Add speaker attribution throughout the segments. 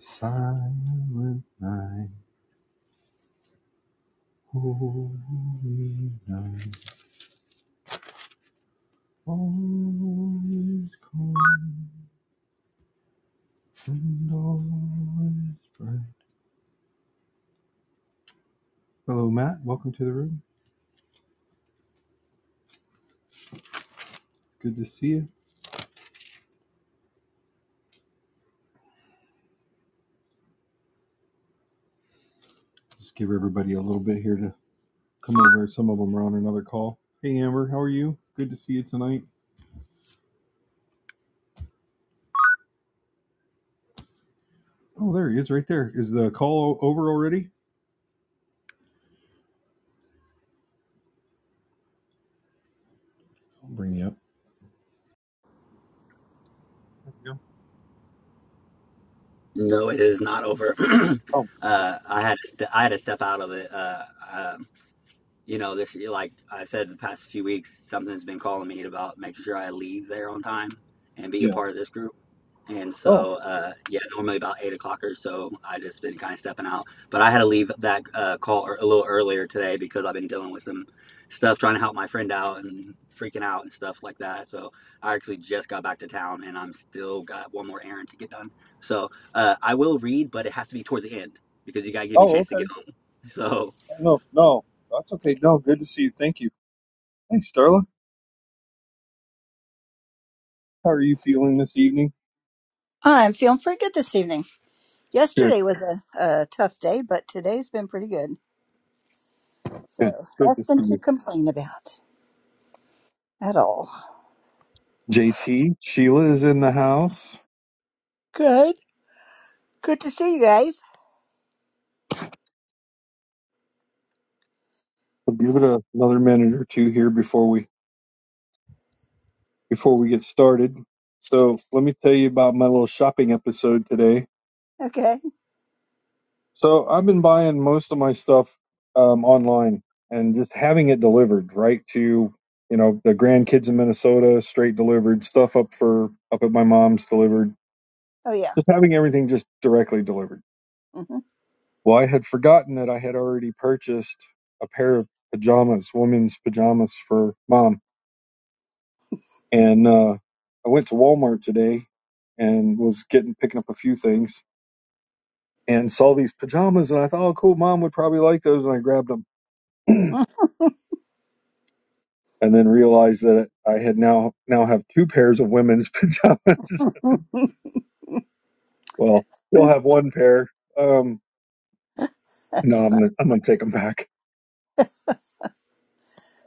Speaker 1: Silent night, holy night, always calm and always bright. Hello, Matt. Welcome to the room. It's good to see you. Just give everybody a little bit here to come over. Some of them are on another call. Hey, Amber, how are you? Good to see you tonight. Oh, there he is, right there. Is the call o- over already? I'll bring you up.
Speaker 2: No, it is not over.
Speaker 1: Oh,
Speaker 2: uh, I had to st- I had to step out of it. Uh, uh, you know, this like I said, the past few weeks, something's been calling me about making sure I leave there on time and be a part of this group. And
Speaker 1: oh,
Speaker 2: so, uh, yeah, normally about eight o'clock or so, I just been kind of stepping out. But I had to leave that uh, call a little earlier today because I've been dealing with some stuff trying to help my friend out and freaking out and stuff like that. So I actually just got back to town and I'm still got one more errand to get done. So uh, I will read, but it has to be toward the end because you got to give me a
Speaker 1: oh,
Speaker 2: chance to get
Speaker 1: okay.
Speaker 2: home. So
Speaker 1: No, no, that's okay. No, good to see you. Thank you. Hey, Starla, how are you feeling this evening?
Speaker 3: Oh, I'm feeling pretty good this evening. Yesterday was a, a tough day, but today's been pretty good.
Speaker 1: Good.
Speaker 3: So
Speaker 1: Good to
Speaker 3: nothing
Speaker 1: see
Speaker 3: to
Speaker 1: you.
Speaker 3: complain about at all.
Speaker 1: JT, Sheila is in the house.
Speaker 3: Good. Good to see you guys.
Speaker 1: We'll give it
Speaker 3: Yeah.
Speaker 1: a, another minute or two here before we before we get started. So let me tell you about my little shopping episode today.
Speaker 3: Okay.
Speaker 1: So I've been buying most of my stuff um, online and just having it delivered right to you know the grandkids in Minnesota, straight delivered stuff up for up at my mom's delivered.
Speaker 3: Oh yeah.
Speaker 1: Just having everything just directly delivered.
Speaker 3: hmm
Speaker 1: Well, I had forgotten that I had already purchased a pair of pajamas, women's pajamas for mom. And uh, I went to Walmart today and was getting picking up a few things and saw these pajamas and I thought, oh, cool, mom would probably like those, and I grabbed them. And then realized that I had now now have two pairs of women's pajamas. well, you'll have one pair. Um, no,
Speaker 3: That's
Speaker 1: I'm
Speaker 3: fun.
Speaker 1: gonna I'm gonna take them back.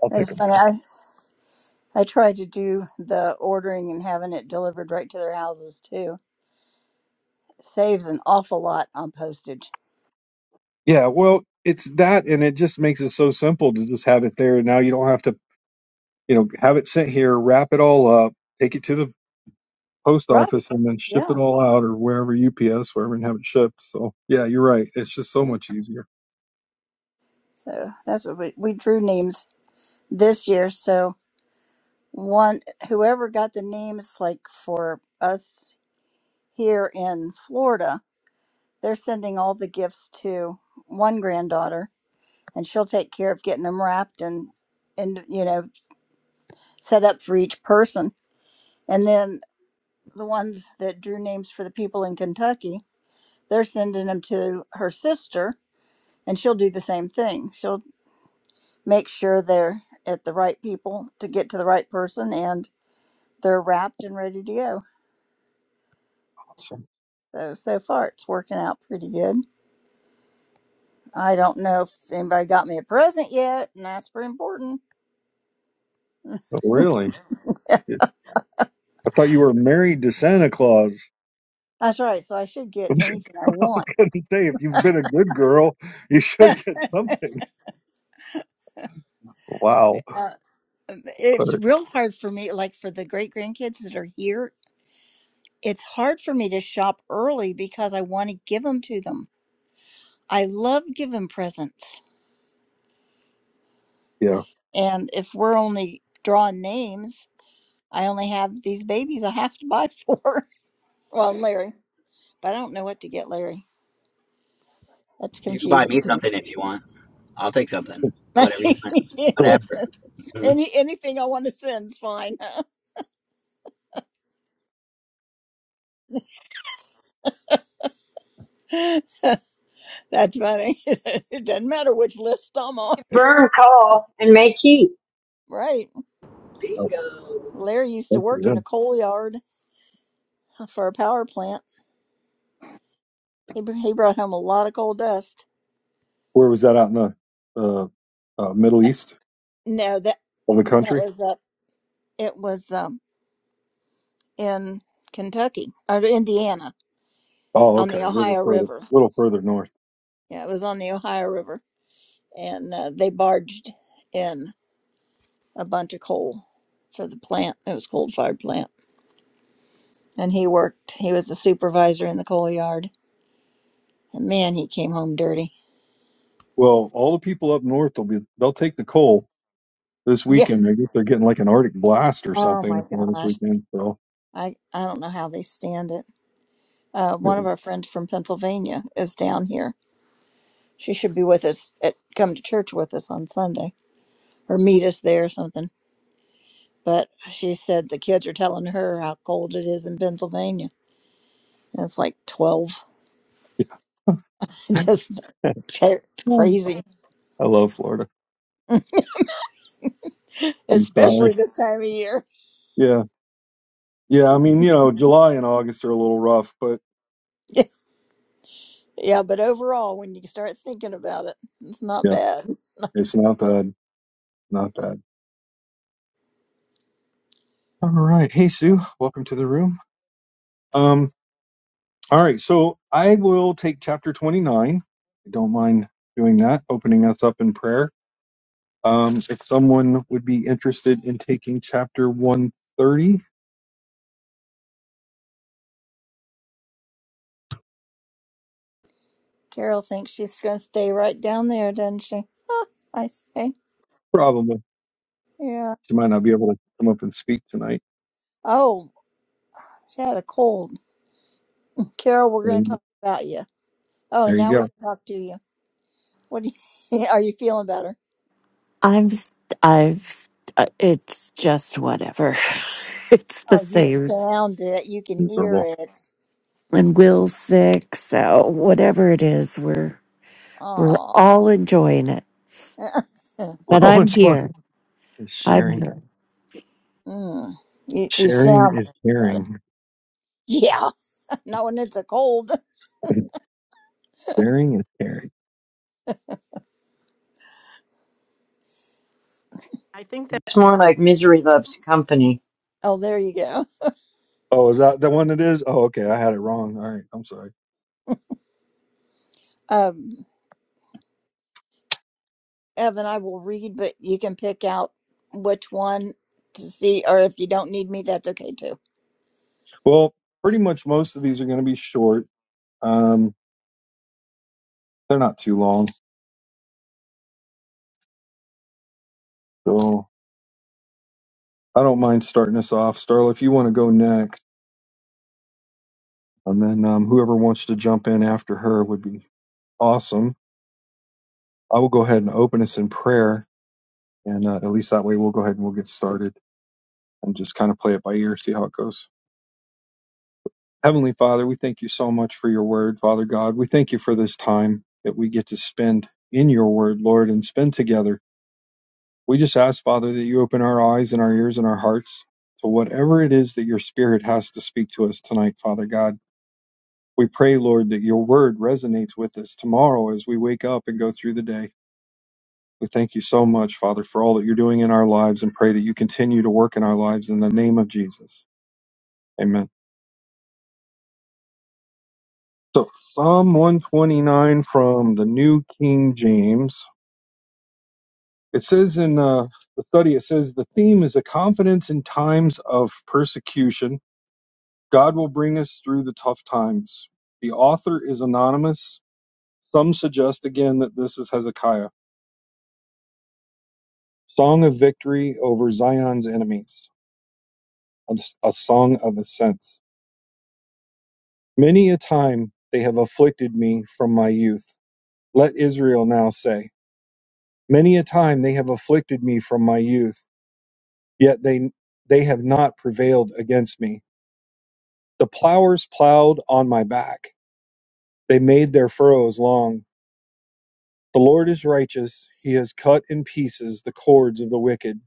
Speaker 1: I'll take
Speaker 3: That's
Speaker 1: them
Speaker 3: funny.
Speaker 1: back.
Speaker 3: I I tried to do the ordering and having it delivered right to their houses too. Saves an awful lot on postage.
Speaker 1: Yeah, well, it's that, and it just makes it so simple to just have it there. Now you don't have to you know, have it sent here, wrap it all up, take it to the post
Speaker 3: Right.
Speaker 1: office, and then ship
Speaker 3: Yeah.
Speaker 1: it all out or wherever UPS, wherever, and have it shipped. So, yeah, you're right. It's just so much easier.
Speaker 3: So that's what we we drew names this year. So one whoever got the names like for us here in Florida, they're sending all the gifts to one granddaughter and she'll take care of getting them wrapped and and you know set up for each person. And then the ones that drew names for the people in Kentucky, they're sending them to her sister and she'll do the same thing. She'll make sure they're at the right people to get to the right person and they're wrapped and ready to go.
Speaker 1: Awesome.
Speaker 3: So, so far it's working out pretty good. I don't know if anybody got me a present yet, and that's pretty important.
Speaker 1: Oh, really? It- I thought you were married to Santa Claus.
Speaker 3: That's right. So I should get
Speaker 1: I'm just
Speaker 3: anything I want.
Speaker 1: gonna say, if you've been a good girl, you should get something. Wow.
Speaker 3: Uh, um, it's
Speaker 1: But,
Speaker 3: real hard for me, like for the great grandkids that are here, it's hard for me to shop early because I want to give them to them. I love giving presents.
Speaker 1: yeah.
Speaker 3: And if we're only drawing names, I only have these babies I have to buy for. well, I'm Larry, but I don't know what to get Larry. That's
Speaker 2: you can buy
Speaker 3: confusing
Speaker 2: me
Speaker 3: to
Speaker 2: something if you want. I'll take something, whatever you want,
Speaker 3: me.
Speaker 1: Oh,
Speaker 2: whatever.
Speaker 3: Any anything I want to send's fine. That's funny. it doesn't matter which list I'm on.
Speaker 4: burn coal and make heat.
Speaker 3: Right.
Speaker 1: oh,
Speaker 2: Bingo.
Speaker 3: Larry used to
Speaker 1: thank you,
Speaker 3: work in
Speaker 1: yeah.
Speaker 3: a coal yard for a power plant. He br- he brought home a lot of coal dust.
Speaker 1: Where was that out in the uh, uh, Middle
Speaker 3: Uh,
Speaker 1: East
Speaker 3: no, that
Speaker 1: of the
Speaker 3: that
Speaker 1: country?
Speaker 3: was up. It was um in Kentucky or Indiana
Speaker 1: Oh,
Speaker 3: on
Speaker 1: okay. A
Speaker 3: the
Speaker 1: little bit
Speaker 3: Ohio
Speaker 1: further, a
Speaker 3: River.
Speaker 1: little further north.
Speaker 3: Yeah, it was on the Ohio River, and uh, they barged in a bunch of coal for the plant. It was coal fired plant. and he worked. He was the supervisor in the coal yard. And man, he came home dirty.
Speaker 1: Well, all the people up north will be they'll take the coal this
Speaker 3: Yeah.
Speaker 1: weekend. I guess they're getting like an Arctic blast or
Speaker 3: Oh
Speaker 1: something
Speaker 3: my
Speaker 1: up there this
Speaker 3: gosh.
Speaker 1: weekend. So
Speaker 3: I I don't know how they stand it. Uh,
Speaker 1: yeah.
Speaker 3: one of our friends from Pennsylvania is down here. She should be with us at come to church with us on Sunday or meet us there or something. But she said the kids are telling her how cold it is in Pennsylvania. And it's like 12. Just ca-
Speaker 1: Yeah.
Speaker 3: crazy,
Speaker 1: I love Florida. I'm
Speaker 3: especially
Speaker 1: sorry.
Speaker 3: this time of year.
Speaker 1: Yeah. Yeah, I mean, you know, July and August are a little rough, but
Speaker 3: Yeah, but overall, when you start thinking about it, it's not
Speaker 1: yeah,
Speaker 3: bad.
Speaker 1: it's not bad. Not bad. All right. Hey Sue, welcome to the room. Um, all right, so I will take chapter twenty nine. I don't mind doing that, opening us up in prayer. Um, if someone would be interested in taking chapter one thirty,
Speaker 3: Carol thinks she's going to stay right down there, doesn't she? I say,
Speaker 1: problem with
Speaker 3: yeah.
Speaker 1: she might not be able to come up and speak tonight.
Speaker 3: Oh, she had a cold. Carol, we're going to
Speaker 1: And
Speaker 3: talk about you. Oh,
Speaker 1: there you
Speaker 3: now we
Speaker 1: go.
Speaker 3: can talk to you. What do you, are you feeling better?
Speaker 5: I'm, s- I've, s- uh, it's just whatever. it's the
Speaker 3: Oh, you
Speaker 5: same. s-
Speaker 3: sound it. You can hear
Speaker 1: Miserable.
Speaker 3: it.
Speaker 5: And Will's sick, so whatever it is, we're we're
Speaker 3: Oh,
Speaker 5: all enjoying it.
Speaker 1: We're
Speaker 5: But
Speaker 1: all
Speaker 5: I'm
Speaker 1: enjoying
Speaker 5: here.
Speaker 1: is
Speaker 5: I'm
Speaker 1: sharing.
Speaker 3: mm, you, you
Speaker 1: Sharing
Speaker 3: sound
Speaker 1: is
Speaker 3: like got it.
Speaker 1: caring.
Speaker 3: Yeah, not when it's a cold.
Speaker 1: Sharing is caring.
Speaker 4: I think that's more like misery loves company.
Speaker 3: Oh, there you go.
Speaker 1: Oh, is that the one it is? Oh, okay. I had it wrong. All right. I'm sorry.
Speaker 3: Um, Evan, I will read, but you can pick out which one to see, or if you don't need me, that's okay too.
Speaker 1: Well, pretty much most of these are going to be short. Um, they're not too long. So I don't mind starting us off. Starla, if you want to go next, and then um, whoever wants to jump in after her would be awesome. I will go ahead and open us in prayer. And uh, at least that way we'll go ahead and we'll get started. and just kind of play it by ear, see how it goes. Heavenly Father, we thank you so much for your word, Father God. We thank you for this time that we get to spend in your word, Lord, and spend together. We just ask, Father, that you open our eyes and our ears and our hearts to whatever it is that your spirit has to speak to us tonight, Father God. We pray, Lord, that your word resonates with us tomorrow as we wake up and go through the day. We thank you so much, Father, for all that you're doing in our lives and pray that you continue to work in our lives in the name of Jesus. Amen. So Psalm 129 from the New King James. It says in uh, the study, it says the theme is a confidence in times of persecution. God will bring us through the tough times. The author is anonymous. Some suggest again that this is Hezekiah. Song of victory over Zion's enemies, a, a song of ascents. Many a time they have afflicted me from my youth. Let Israel now say, Many a time they have afflicted me from my youth yet they they have not prevailed against me. The plowers plowed on my back. They made their furrows long. The Lord is righteous. He has cut in pieces the cords of the wicked.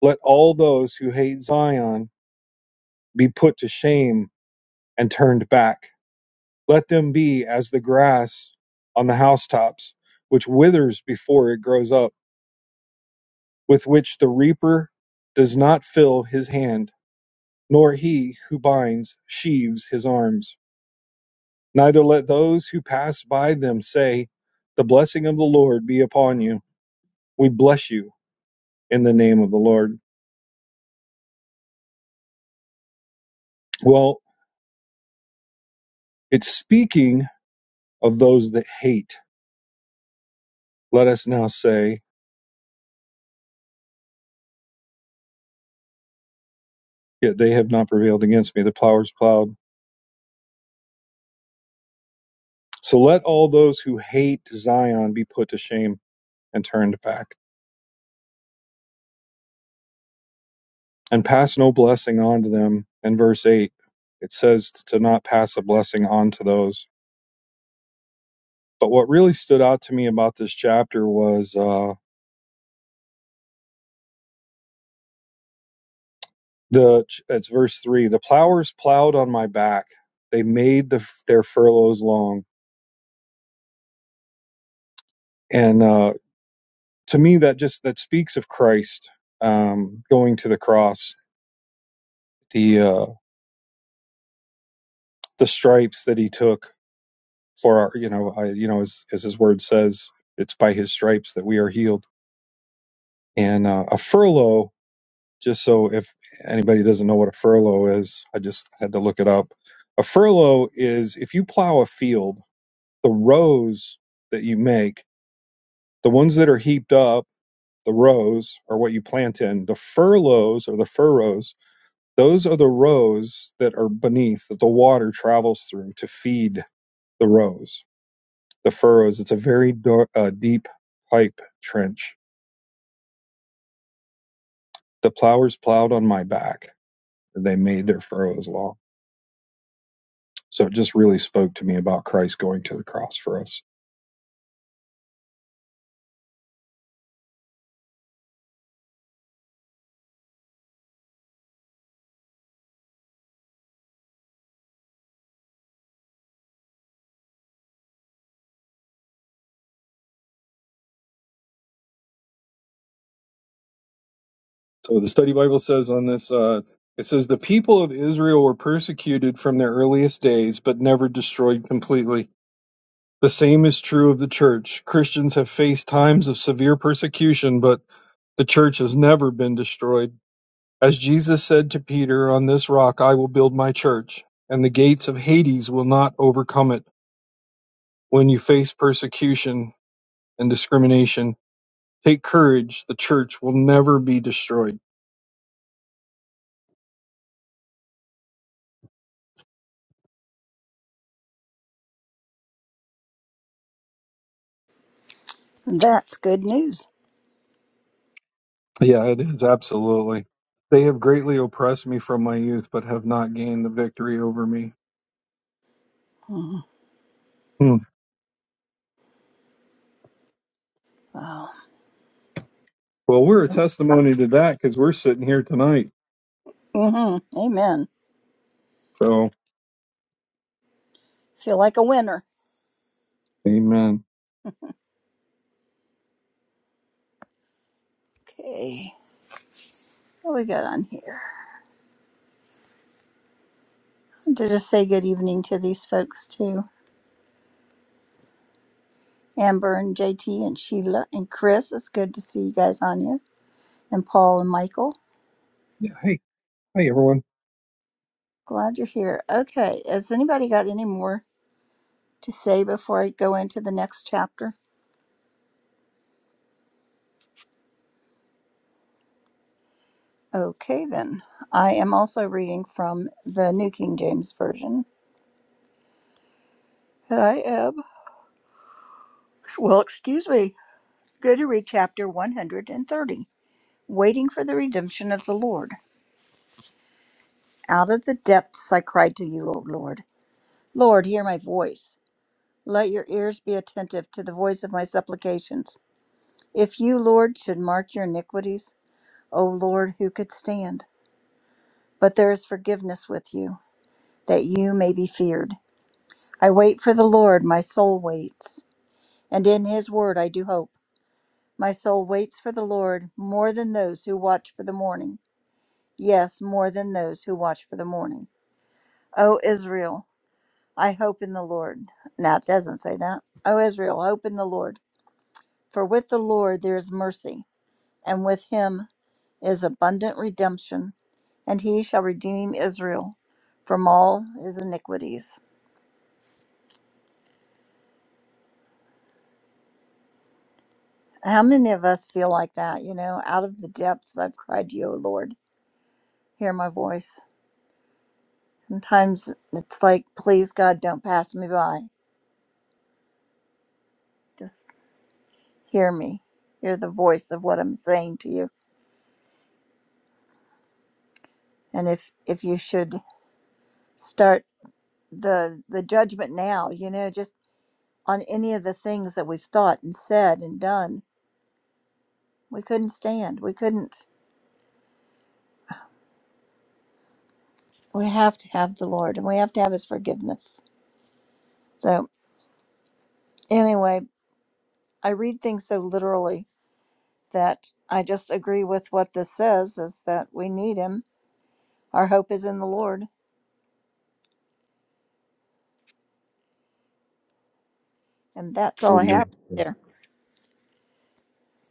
Speaker 1: Let all those who hate Zion be put to shame and turned back. Let them be as the grass on the housetops, which withers before it grows up, with which the reaper does not fill his hand, nor he who binds sheaves his arms Neither let those who pass by them say, The blessing of the Lord be upon you. We bless you in the name of the Lord. Well, it's speaking of those that hate. Let us now say, Yet they have not prevailed against me, the plow is plowed. So let all those who hate Zion be put to shame and turned back. And pass no blessing on to them. In verse 8, it says to not pass a blessing on to those. But what really stood out to me about this chapter was. uh, the it's verse 3 the plowers plowed on my back they made the, their furloughs long and uh, to me that just that speaks of christ um, going to the cross the uh, the stripes that he took for our you know I, you know as, as his word says it's by his stripes that we are healed and uh, a furlough just so if anybody doesn't know what a furlough is i just had to look it up a furlough is if you plow a field the rows that you make The ones that are heaped up, the rows, are what you plant in. The furloughs or the furrows, those are the rows that are beneath that the water travels through to feed the rows. The furrows, it's a very dar- uh, deep pipe trench. The plowers plowed on my back. They made their furrows long. So it just really spoke to me about Christ going to the cross for us. So the study Bible says on this uh, it says, The people of Israel were persecuted from their earliest days, but never destroyed completely. The same is true of the Church. Christians have faced times of severe persecution, but the Church has never been destroyed. As Jesus said to Peter, On this rock I will build my Church, and the gates of Hades will not overcome it. When you face persecution and discrimination, take courage. The Church will never be destroyed.
Speaker 3: That's good news.
Speaker 1: Yeah, it is, absolutely. They have greatly oppressed me from my youth, but have not gained the victory over me.
Speaker 3: Mhm.
Speaker 1: Hmm.
Speaker 3: Wow.
Speaker 1: Well, we're a testimony to that because we're sitting here tonight.
Speaker 3: Mm-hmm. Amen.
Speaker 1: So.
Speaker 3: Feel like a winner.
Speaker 1: Amen.
Speaker 3: Okay. What we got on here? To just say good evening to these folks too. Amber and JT and Sheila and Chris. It's good to see you guys on here. And Paul and Michael.
Speaker 1: Yeah. Hey. Hey, everyone.
Speaker 3: Glad you're here. Okay. Has anybody got any more to say before I go into the next chapter? Okay then. I am also reading from the New King James Version. And I am. Well, excuse me. Go to read chapter 130. Waiting for the redemption of the Lord. Out of the depths I cried to you, O Lord. Lord, hear my voice. Let your ears be attentive to the voice of my supplications. If you, Lord, should mark your iniquities, O Lord, who could stand? But there is forgiveness with you, that you may be feared. I wait for the Lord, my soul waits, and in his word I do hope. My soul waits for the Lord more than those who watch for the morning yes, more than those who watch for the morning. O Israel, I hope in the Lord. Now it doesn't say that. O Israel, hope in the Lord. For with the Lord there is mercy, and with him is abundant redemption, and he shall redeem Israel from all his iniquities. How many of us feel like that? You know, out of the depths I've cried to you, O Lord. Hear my voice. Sometimes it's like, please, God, don't pass me by. Just. hear me hear the voice of what i'm saying to you and if if you should start the the judgment now you know just on any of the things that we've thought and said and done we couldn't stand we couldn't we have to have the lord and we have to have his forgiveness so anyway i read things so literally that i just agree with what this says is that we need him our hope is in the lord and that's all i have
Speaker 1: Amen.
Speaker 3: right there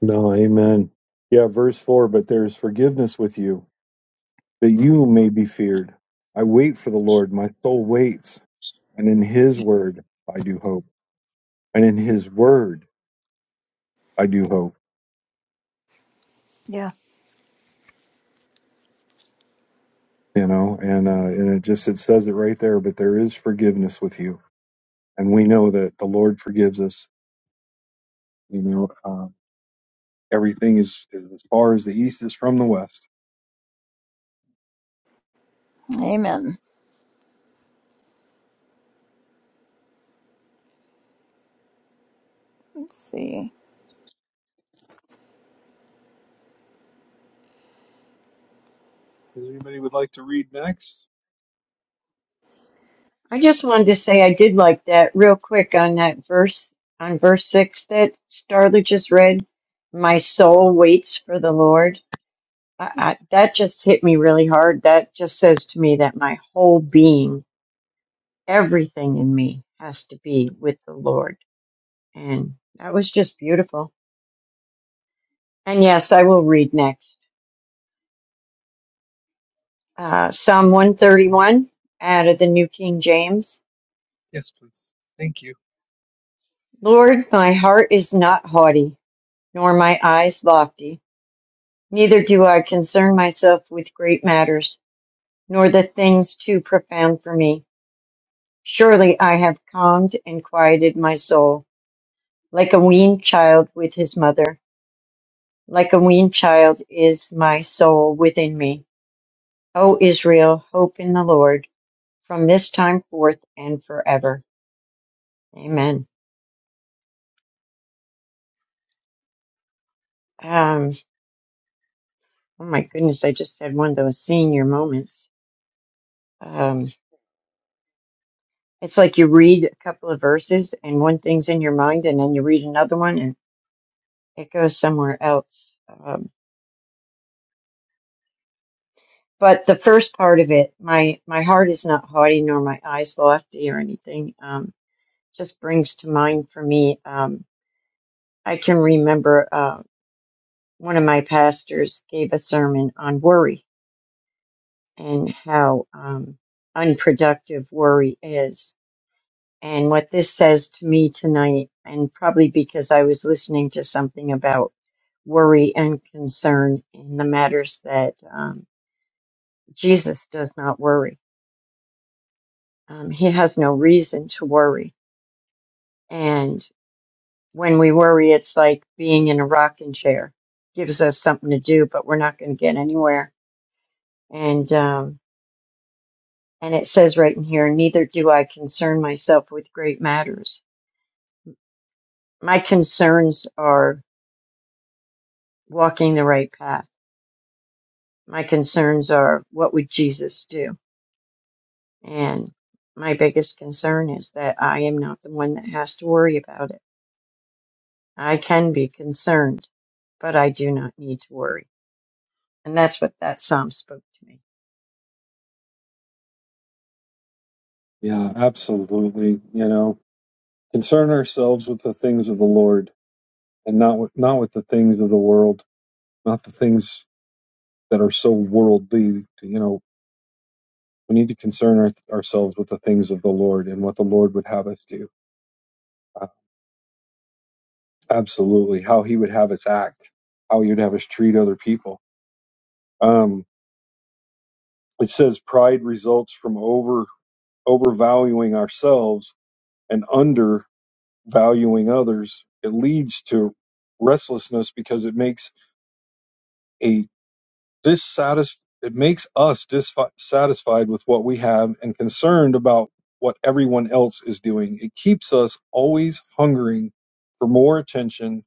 Speaker 1: No, amen. Yeah, verse 4 But there is forgiveness with you, that you may be feared. I wait for the Lord, my soul waits, and in his word I do hope. And in his word I do hope,
Speaker 3: yeah
Speaker 1: you know, and, uh, and it just it says it right there, but there is forgiveness with you. And we know that the Lord forgives us, you know, uh, everything is, is as far as the east is from the west.
Speaker 3: amen let's see
Speaker 1: Does anybody would like to read next?
Speaker 4: I just wanted to say I did like that real quick on that verse on verse six that Starla just read. My soul waits for the Lord. I, I, that just hit me really hard. That just says to me that my whole being, everything in me, has to be with the Lord, and that was just beautiful. And yes, I will read next uh, Psalm one thirty one out of the New King James.
Speaker 1: Yes, please. Thank you.
Speaker 4: Lord, my heart is not haughty, nor my eyes lofty. Neither do I concern myself with great matters, nor the things too profound for me. Surely I have calmed and quieted my soul, like a weaned child with his mother. Like a weaned child is my soul within me. O Israel, hope in the Lord from this time forth and forever. Amen. Um, oh my goodness, I just had one of those senior moments. Um. It's like you read a couple of verses and one thing's in your mind, and then you read another one and it goes somewhere else. Um, but the first part of it, my my heart is not haughty nor my eyes lofty or anything. Um, just brings to mind for me. Um, I can remember uh, one of my pastors gave a sermon on worry and how um, unproductive worry is And what this says to me tonight, and probably because I was listening to something about worry and concern in the matters that um, Jesus does not worry. Um, he has no reason to worry. And when we worry, it's like being in a rocking chair. Gives us something to do, but we're not going to get anywhere. And um, and it says right in here, neither do I concern myself with great matters. My concerns are walking the right path My concerns are what would Jesus do? And my biggest concern is that I am not the one that has to worry about it. I can be concerned, but I do not need to worry. And that's what that psalm spoke to me.
Speaker 1: Yeah, absolutely. You know, concern ourselves with the things of the Lord and not with, not with the things of the world, not the things that are so worldly. You know, we need to concern our, ourselves with the things of the Lord and what the Lord would have us do. Uh, absolutely. How he would have us act, how he would have us treat other people. Um, it says pride results from over overvaluing ourselves and undervaluing others. It leads to restlessness because it makes a This it makes us dissatisfied with what we have and concerned about what everyone else is doing. It keeps us always hungering for more attention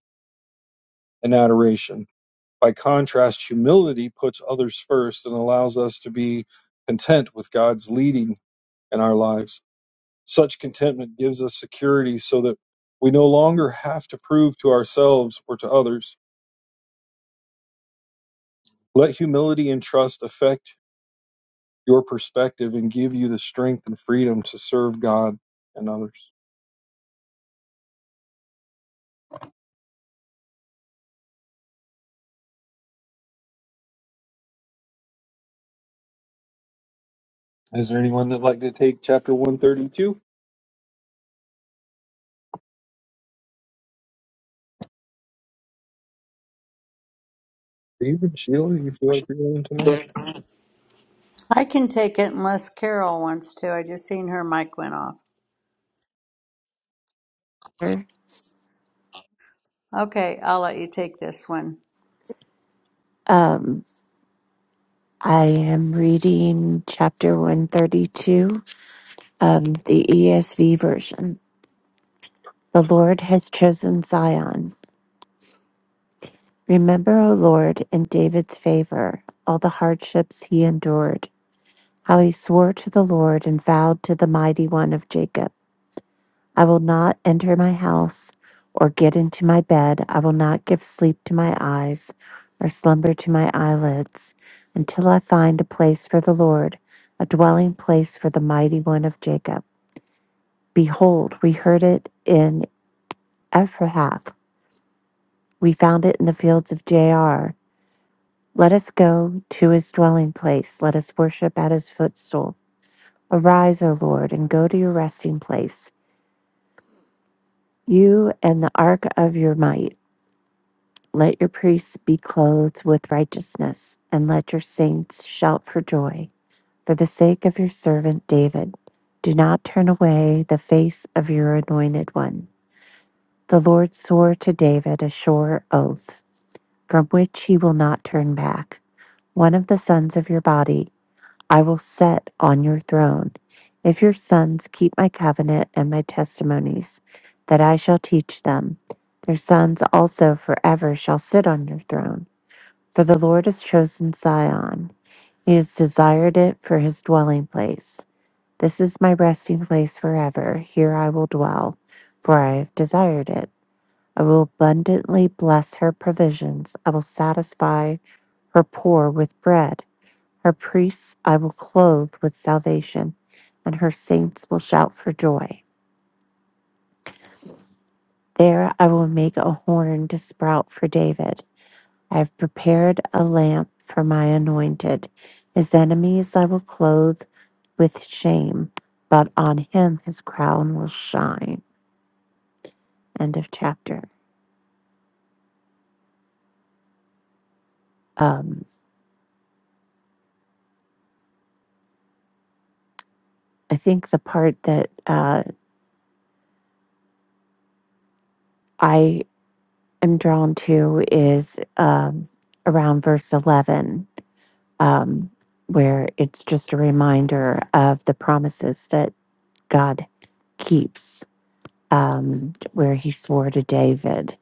Speaker 1: and adoration. By contrast, humility puts others first and allows us to be content with God's leading in our lives. Such contentment gives us security so that we no longer have to prove to ourselves or to others. Let humility and trust affect your perspective and give you the strength and freedom to serve God and others. Is there anyone that'd like to take chapter 132? Even Sheila, you feel like you're going tonight?
Speaker 6: I can take it unless Carol wants to. I just seen her mic went off.
Speaker 5: here.
Speaker 6: Okay, I'll let you take this one.
Speaker 5: Um, I am reading chapter one thirty two of the ESV version. The Lord has chosen Zion. Remember, O Lord, in David's favor, all the hardships he endured. how he swore to the Lord and vowed to the mighty one of Jacob, I will not enter my house or get into my bed. I will not give sleep to my eyes or slumber to my eyelids until I find a place for the Lord, a dwelling place for the mighty one of Jacob. Behold, we heard it in Ephrath; We found it in the fields of Jair. Let us go to his dwelling place. Let us worship at his footstool. Arise, O Lord, and go to your resting place. You and the ark of your might, let your priests be clothed with righteousness, and let your saints shout for joy. For the sake of your servant David, do not turn away the face of your anointed one. The Lord swore to David a sure oath, from which he will not turn back. One of the sons of your body I will set on your throne. If your sons keep my covenant and my testimonies that I shall teach them, their sons also forever shall sit on your throne. For the Lord has chosen Zion, he has desired it for his dwelling place. This is my resting place forever. Here I will dwell, for I have desired it. I will abundantly bless her provisions. I will satisfy her poor with bread her priests I will clothe with salvation, and her saints will shout for joy. There I will make a horn to sprout for David. I have prepared a lamp for my anointed. His enemies I will clothe with shame, but on him his crown will shine. End of chapter. Um, I think the part that uh, I am drawn to is um, around verse 11 um, where it's just a reminder of the promises that God keeps, um, where He swore to David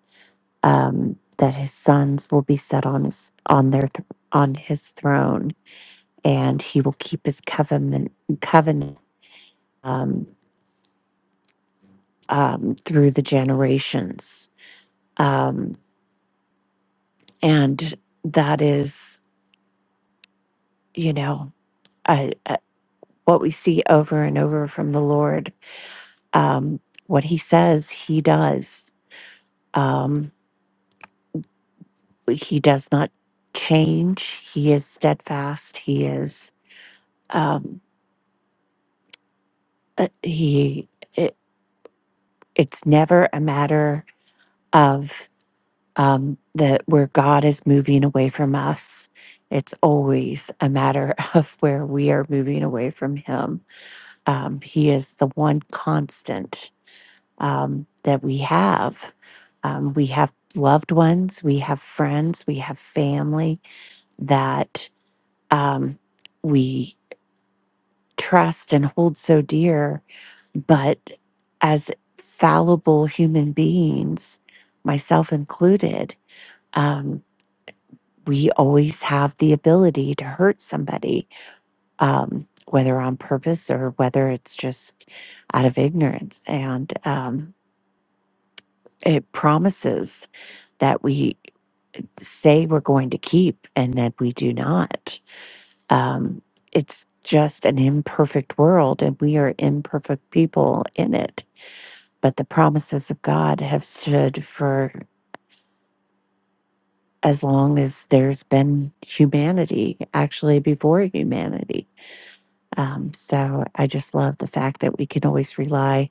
Speaker 5: um, that his sons will be set on his on their th- on his throne, and He will keep His covenant covenant um, um, through the generations, um, and that is, you know, a, a, what we see over and over from the Lord um, what he says, he does. Um, he does not change. He is steadfast. He is. Um, uh, he. It, it's never a matter of um, that where God is moving away from us. It's always a matter of where we are moving away from Him. Um, he is the one constant um, that we have. Um, we have loved ones, we have friends, we have family that um, we trust and hold so dear. But as fallible human beings, myself included, um, we always have the ability to hurt somebody, um, whether on purpose or whether it's just out of ignorance. And um, it promises that we say we're going to keep and that we do not. Um, it's just an imperfect world, and we are imperfect people in it. But the promises of God have stood for as long as there's been humanity, actually, before humanity. Um, so I just love the fact that we can always rely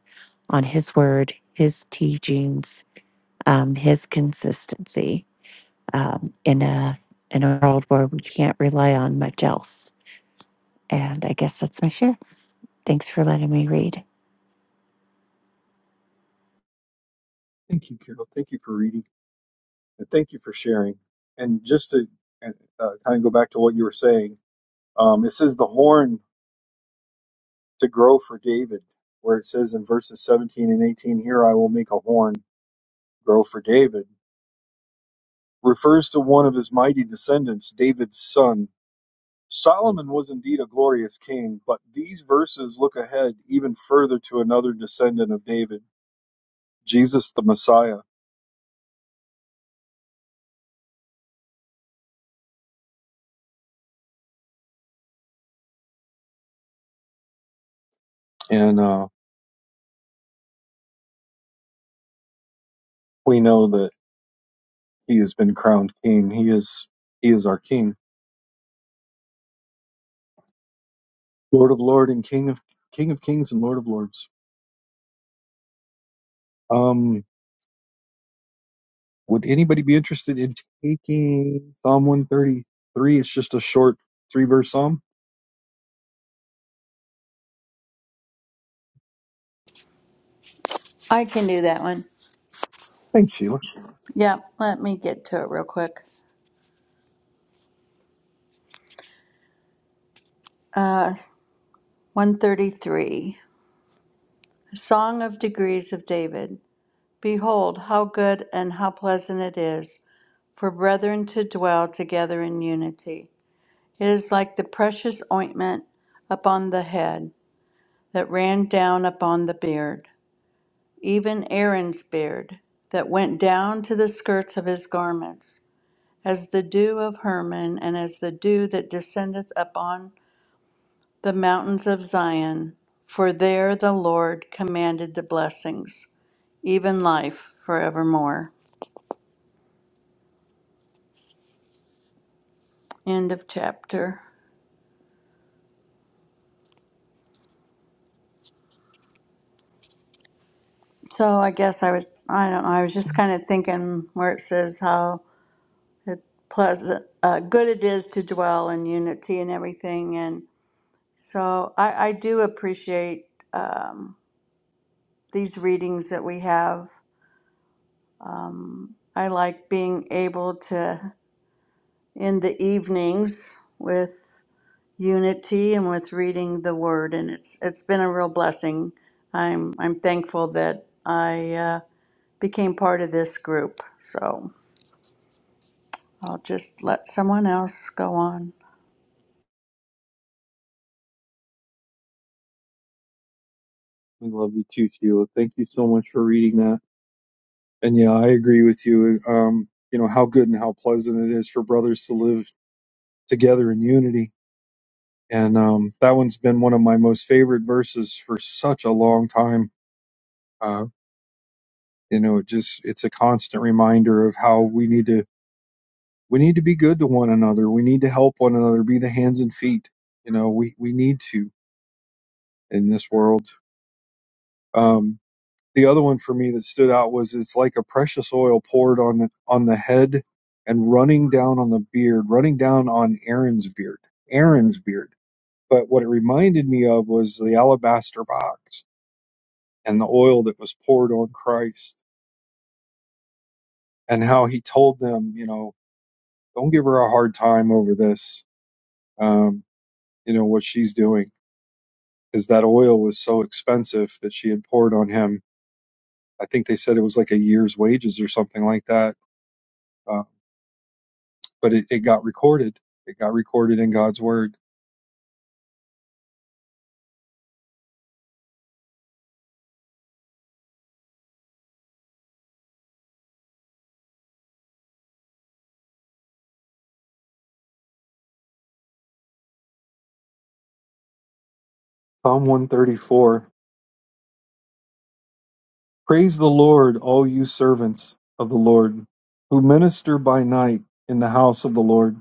Speaker 5: on His word, His teachings, um, His consistency um, in a in a world where we can't rely on much else. And I guess that's my share. Thanks for letting me read.
Speaker 1: Thank you, Carol. Thank you for reading. And thank you for sharing. And just to uh, kind of go back to what you were saying, um, it says the horn to grow for David, where it says in verses 17 and 18, Here I will make a horn grow for David, refers to one of his mighty descendants, David's son Solomon was indeed a glorious king, but these verses look ahead even further to another descendant of David, Jesus the Messiah. And uh, we know that he has been crowned king. He is he is our king, Lord of Lord and King of King of Kings and Lord of Lords. Um, would anybody be interested in taking Psalm 133? It's just a short three verse psalm.
Speaker 6: I can do that one.
Speaker 1: Thanks, Sheila.
Speaker 6: Yep, let me get to it real quick. Uh, 133 Song of Degrees of David. Behold, how good and how pleasant it is for brethren to dwell together in unity. It is like the precious ointment upon the head that ran down upon the beard even Aaron's beard, that went down to the skirts of his garments, as the dew of Hermon, and as the dew that descendeth upon the mountains of Zion. For there the Lord commanded the blessings, even life forevermore. End of chapter. So I guess I was, I don't know, I was just kind of thinking where it says how it pleasant, uh, good it is to dwell in unity and everything. and. So I, I do appreciate um, these readings that we have. Um, I like being able to, in the evenings, with unity and with reading the Word, and it's it's been a real blessing. I'm I'm thankful that I uh, became part of this group. So I'll just let someone else go on.
Speaker 1: We love you too, Sheila. Thank you so much for reading that. And yeah, I agree with you. Um, you know how good and how pleasant it is for brothers to live together in unity. And um, that one's been one of my most favorite verses for such a long time. Uh, you know, it just it's a constant reminder of how we need to we need to be good to one another. We need to help one another, be the hands and feet. You know, we we need to in this world. Um, the other one for me that stood out was it's like a precious oil poured on the, on the head and running down on the beard, running down on Aaron's beard, Aaron's beard. But what it reminded me of was the alabaster box and the oil that was poured on Christ and how he told them, you know, don't give her a hard time over this, um, you know, what she's doing. Because that oil was so expensive that she had poured on him. I think they said it was like a year's wages or something like that uh, but it, it got recorded. It got recorded in God's word. Psalm 134 Praise the Lord, all you servants of the Lord, who minister by night in the house of the Lord.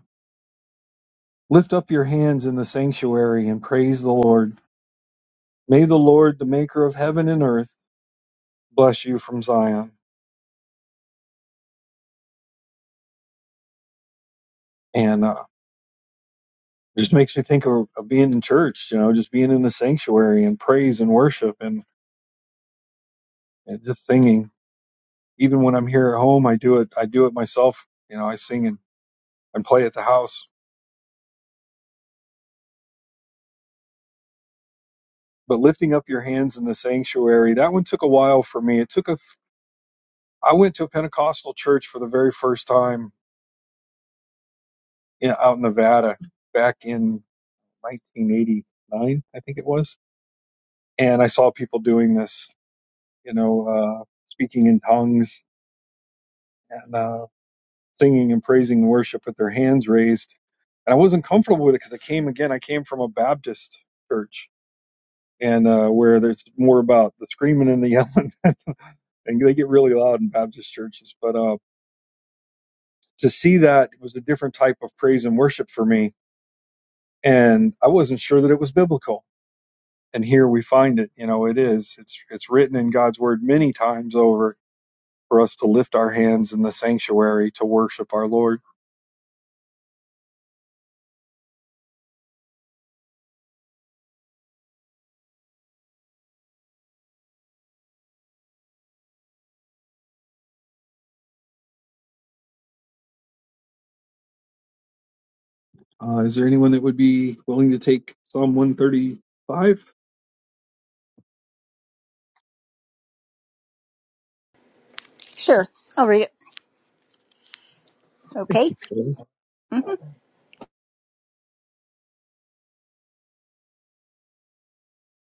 Speaker 1: Lift up your hands in the sanctuary and praise the Lord. May the Lord, the maker of heaven and earth, bless you from Zion. And uh, it just makes me think of, of being in church, you know, just being in the sanctuary and praise and worship and, and just singing. Even when I'm here at home, I do it. I do it myself. You know, I sing and and play at the house. But lifting up your hands in the sanctuary, that one took a while for me. It took a, f- I went to a Pentecostal church for the very first time in, out in Nevada back in 1989, I think it was. And I saw people doing this, you know, uh, speaking in tongues and uh, singing and praising worship with their hands raised. And I wasn't comfortable with it because I came again, I came from a Baptist church and uh, where there's more about the screaming and the yelling and they get really loud in Baptist churches. But uh, to see that was a different type of praise and worship for me, and I wasn't sure that it was biblical. And here we find it. You know, it is. It's it's written in God's word many times over for us to lift our hands in the sanctuary to worship our Lord. Uh, is there anyone that would be willing to take Psalm one thirty five?
Speaker 3: Sure, I'll read it.
Speaker 1: Thank
Speaker 3: Okay.
Speaker 1: you, Joey.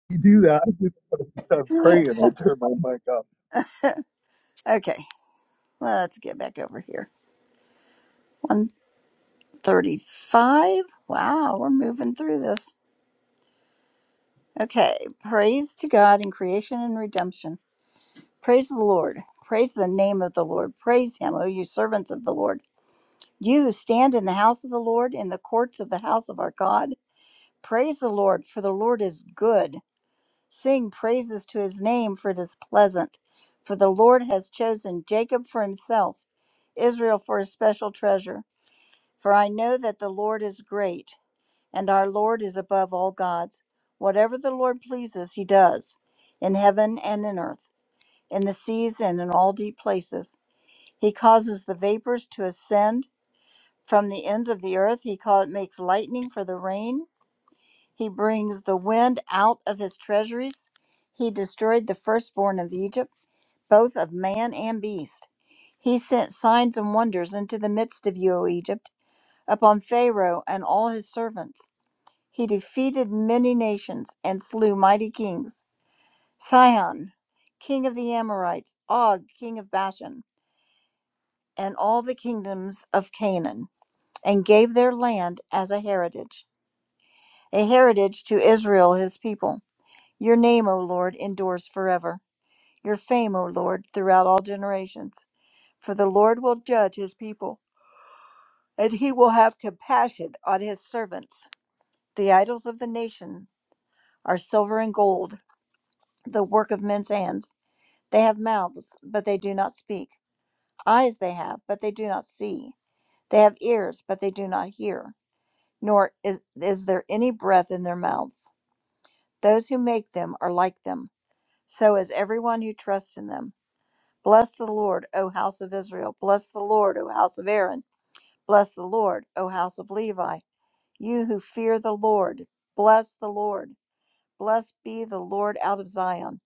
Speaker 1: You do that. I do that. I'm praying. I turn my mic up.
Speaker 3: Okay, let's get back over here. 135. Wow, we're moving through this. Okay, praise to God in creation and redemption. Praise the Lord. Praise the name of the Lord. Praise him, O you servants of the Lord. You who stand in the house of the Lord, in the courts of the house of our God. Praise the Lord, for the Lord is good. Sing praises to his name, for it is pleasant. For the Lord has chosen Jacob for himself, Israel for his special treasure. For I know that the Lord is great, and our Lord is above all gods. Whatever the Lord pleases, he does, in heaven and in earth, in the seas and in all deep places. He causes the vapors to ascend from the ends of the earth. He cau- makes lightning for the rain. He brings the wind out of his treasuries. He destroyed the firstborn of Egypt, both of man and beast. He sent signs and wonders into the midst of you, O Egypt, upon Pharaoh and all his servants. He defeated many nations and slew mighty kings Sihon, king of the Amorites, Og, king of Bashan, and all the kingdoms of Canaan, and gave their land as a heritage, a heritage to Israel, his people. Your name, O Lord, endures forever. Your fame, O Lord, throughout all generations. For the Lord will judge his people, and he will have compassion on his servants. The idols of the nation are silver and gold, the work of men's hands. They have mouths, but they do not speak. Eyes they have, but they do not see. They have ears, but they do not hear, nor is, is there any breath in their mouths. Those who make them are like them, so is everyone who trusts in them. Bless the Lord, O house of Israel. Bless the Lord, O house of Aaron. Bless the Lord, O house of Levi. You who fear the Lord, bless the Lord. Blessed be the Lord out of Zion,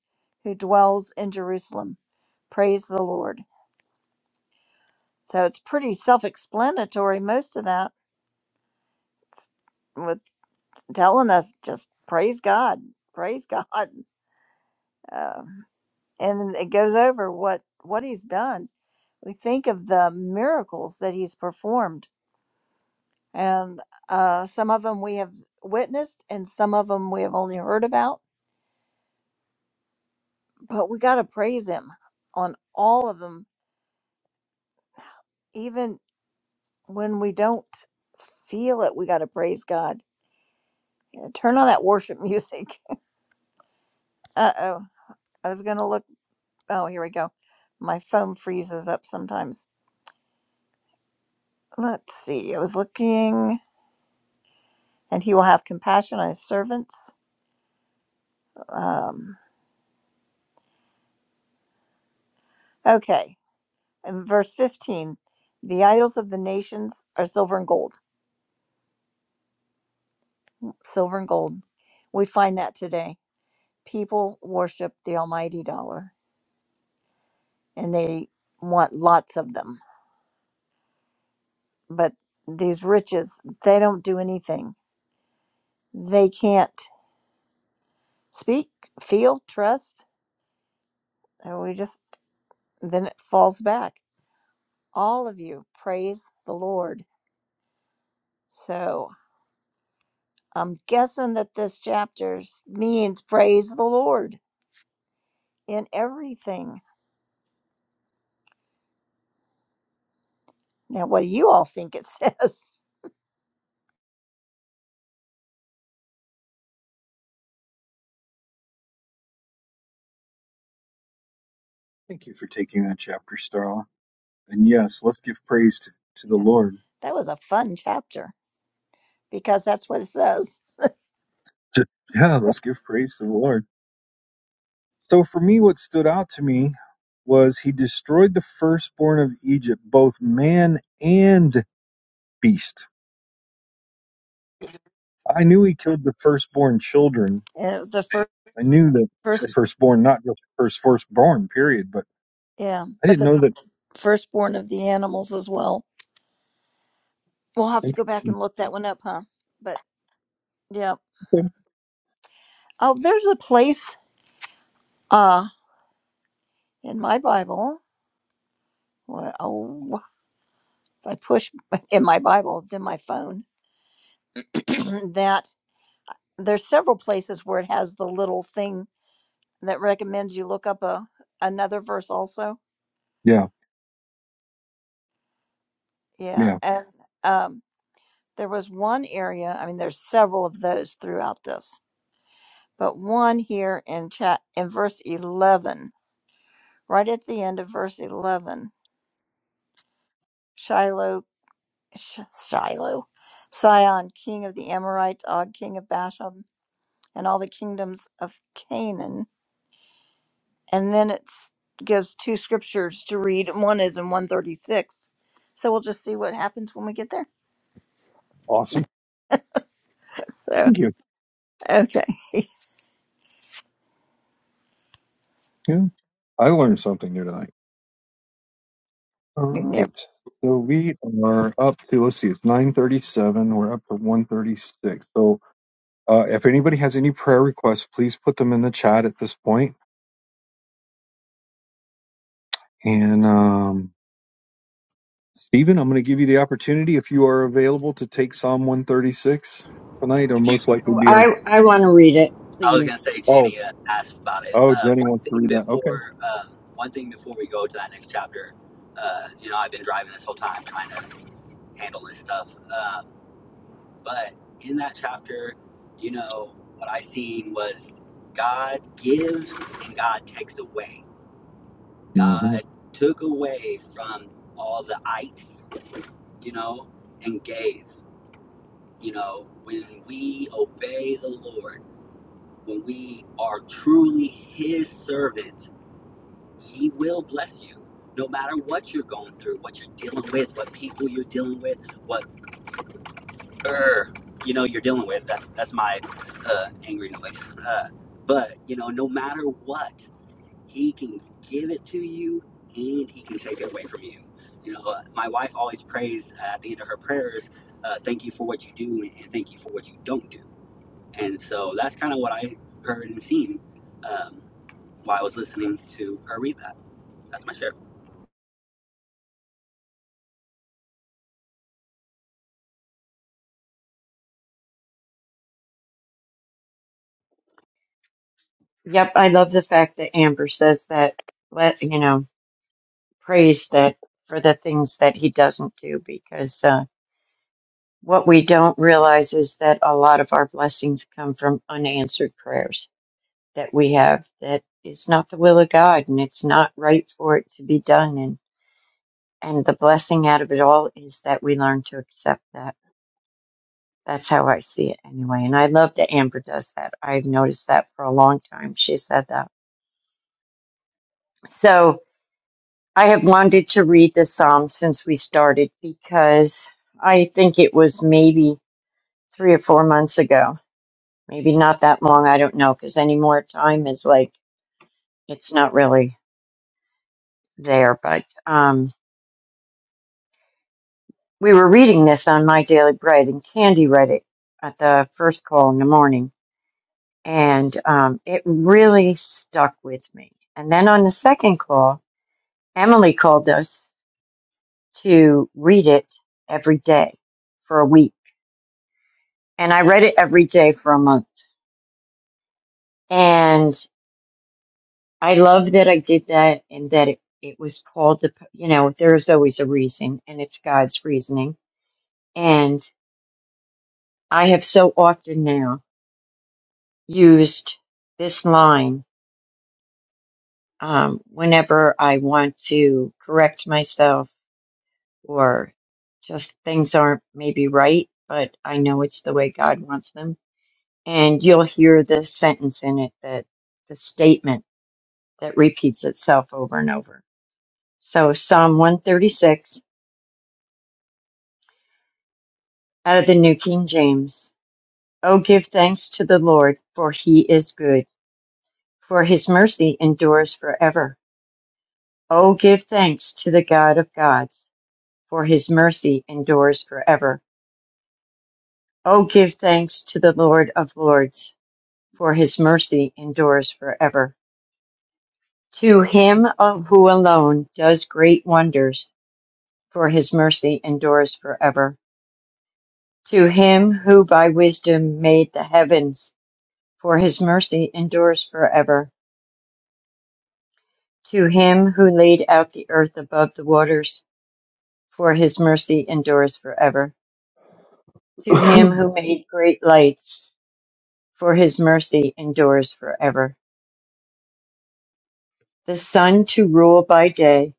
Speaker 3: who dwells in Jerusalem. Praise the Lord. So it's pretty self explanatory, most of that, s- with telling us just praise God, praise God. Uh, and it goes over what, what he's done. We think of the miracles that he's performed and uh, some of them we have witnessed and some of them we have only heard about but we got to praise him on all of them even when we don't feel it we got to praise god Yeah, turn on that worship music uh-oh i was gonna look oh here we go my phone freezes up sometimes let's see i was looking and he will have compassion on his servants um okay in verse 15 the idols of the nations are silver and gold silver and gold. We find that today. People worship the almighty dollar and they want lots of them. But these riches, they don't do anything. They can't speak, feel, trust. And we just, then it falls back. All of you praise the Lord. So I'm guessing that this chapter means praise the Lord in everything. Now, what do you all think it says?
Speaker 1: Thank you for taking that chapter, Starla. And yes, let's give praise to, to the
Speaker 3: Yeah,
Speaker 1: Lord.
Speaker 3: that was a fun chapter because that's what it says.
Speaker 1: Yeah, let's give praise to the Lord. So for me, what stood out to me was he destroyed the firstborn of Egypt, both man and beast. I knew he killed the firstborn children.
Speaker 3: And the first,
Speaker 1: I knew that the
Speaker 3: first
Speaker 1: firstborn, not just first firstborn, period. But
Speaker 3: yeah,
Speaker 1: I
Speaker 3: but
Speaker 1: didn't
Speaker 3: the
Speaker 1: know that.
Speaker 3: firstborn of the animals as well. We'll have to go back and look that one up, huh? But yeah.
Speaker 1: Interesting.
Speaker 3: Oh, there's a place uh in my Bible. where- Oh, if I push in my Bible, it's in my phone. that there's several places where it has the little thing that recommends you look up a another verse also.
Speaker 1: Yeah,
Speaker 3: Yeah,
Speaker 1: yeah,
Speaker 3: and um, there was one area. I mean, there's several of those throughout this, but one here in chat in verse eleven, right at the end of verse eleven. Shiloh. Sh- Shiloh, Sion, king of the Amorites, Og, king of Bashan, and all the kingdoms of Canaan. And then it gives two scriptures to read, one is in 136. So we'll just see what happens when we get there.
Speaker 1: awesome.
Speaker 3: So,
Speaker 1: Thank you.
Speaker 3: okay.
Speaker 1: Yeah, I learned something new tonight. All
Speaker 3: You never
Speaker 1: right, so we are up to let's see, it's nine thirty-seven. We're up to one thirty-six. So Uh, if anybody has any prayer requests, please put them in the chat at this point. And um, Stephen, I'm going to give you the opportunity if you are available to take Psalm 136 tonight, or
Speaker 2: If you
Speaker 1: most likely
Speaker 4: Oh,
Speaker 1: be our.
Speaker 4: I, I want to read it,
Speaker 2: I was gonna
Speaker 4: please.
Speaker 2: say
Speaker 1: Oh,
Speaker 2: Jenny uh, asked about it.
Speaker 1: oh,
Speaker 2: Uh,
Speaker 1: Jenny
Speaker 2: one
Speaker 1: wants to
Speaker 2: thing
Speaker 1: read that. Okay.
Speaker 2: before, uh, one thing before we go to that next chapter. Uh, you know, I've been driving this whole time trying to handle this stuff. Um, but in that chapter, you know, what I seen was God gives and God takes away.
Speaker 1: Mhm.
Speaker 2: God took away from all the ites, you know, and gave. You know, when we obey the Lord, when we are truly His servant He will bless you no matter what you're going through, what you're dealing with, what people you're dealing with, what er, you know you're dealing with. That's that's my uh, angry noise. Uh, but you know, no matter what, he can give it to you and he can take it away from you. You know, uh, my wife always prays uh, at the end of her prayers, uh, "Thank you for what you do and thank you for what you don't do." And so that's kind of what I heard and seen um, while I was listening to her read that. That's my share.
Speaker 4: Yep, I love the fact that Amber says that, let, you know, praise that for the things that he doesn't do because, uh, what we don't realize is that a lot of our blessings come from unanswered prayers that we have that is not the will of God and it's not right for it to be done. And, and the blessing out of it all is that we learn to accept that. That's how I see it anyway. And I love that Amber does that. I've noticed that for a long time. She said that. So I have wanted to read the Psalm since we started because I think it was maybe three or four months ago. Maybe not that long. I don't know because any more time is like, it's not really there. But, um. We were reading this on My Daily Bread, and Candy read it at the first call in the morning, and um, it really stuck with me. And then on the second call, Emily called us to read it every day for a week. And I read it every day for a month. And I love that I did that and that it, it was called, to, you know, there's always a reason, and it's God's reasoning. And I have so often now used this line um, whenever I want to correct myself or just things aren't maybe right, but I know it's the way God wants them. And you'll hear this sentence in it that the statement that repeats itself over and over. So, Psalm 136 out of the New King James Oh, give thanks to the Lord, for he is good, for his mercy endures forever. Oh, give thanks to the God of gods, for his mercy endures forever. O give thanks to the Lord of Lords, for his mercy endures forever. To him of who alone does great wonders, for his mercy endures forever. To him who by wisdom made the heavens, for his mercy endures forever. To him who laid out the earth above the waters, for his mercy endures forever. To him who made great lights, for his mercy endures forever. The sun to rule by day,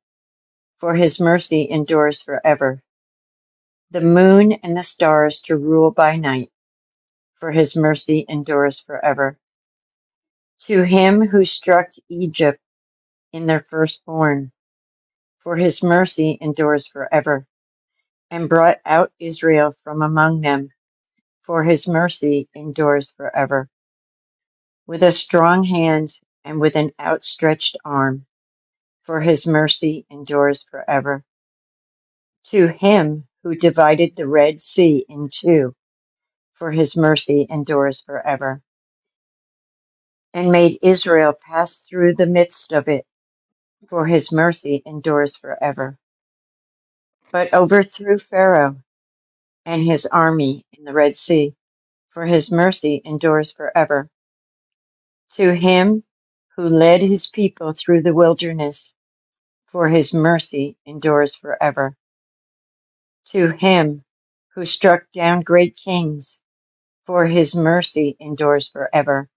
Speaker 4: for his mercy endures forever. The moon and the stars to rule by night, for his mercy endures forever. To him who struck Egypt in their firstborn, for his mercy endures forever, and brought out Israel from among them, for his mercy endures forever. With a strong hand and with an outstretched arm, for his mercy endures forever. To him who divided the Red Sea in two, for his mercy endures forever, and made Israel pass through the midst of it, for his mercy endures forever. But overthrew Pharaoh and his army in the Red Sea, for his mercy endures forever. To him who led his people through the wilderness, for his mercy endures forever. To him who struck down great kings, for his mercy endures forever,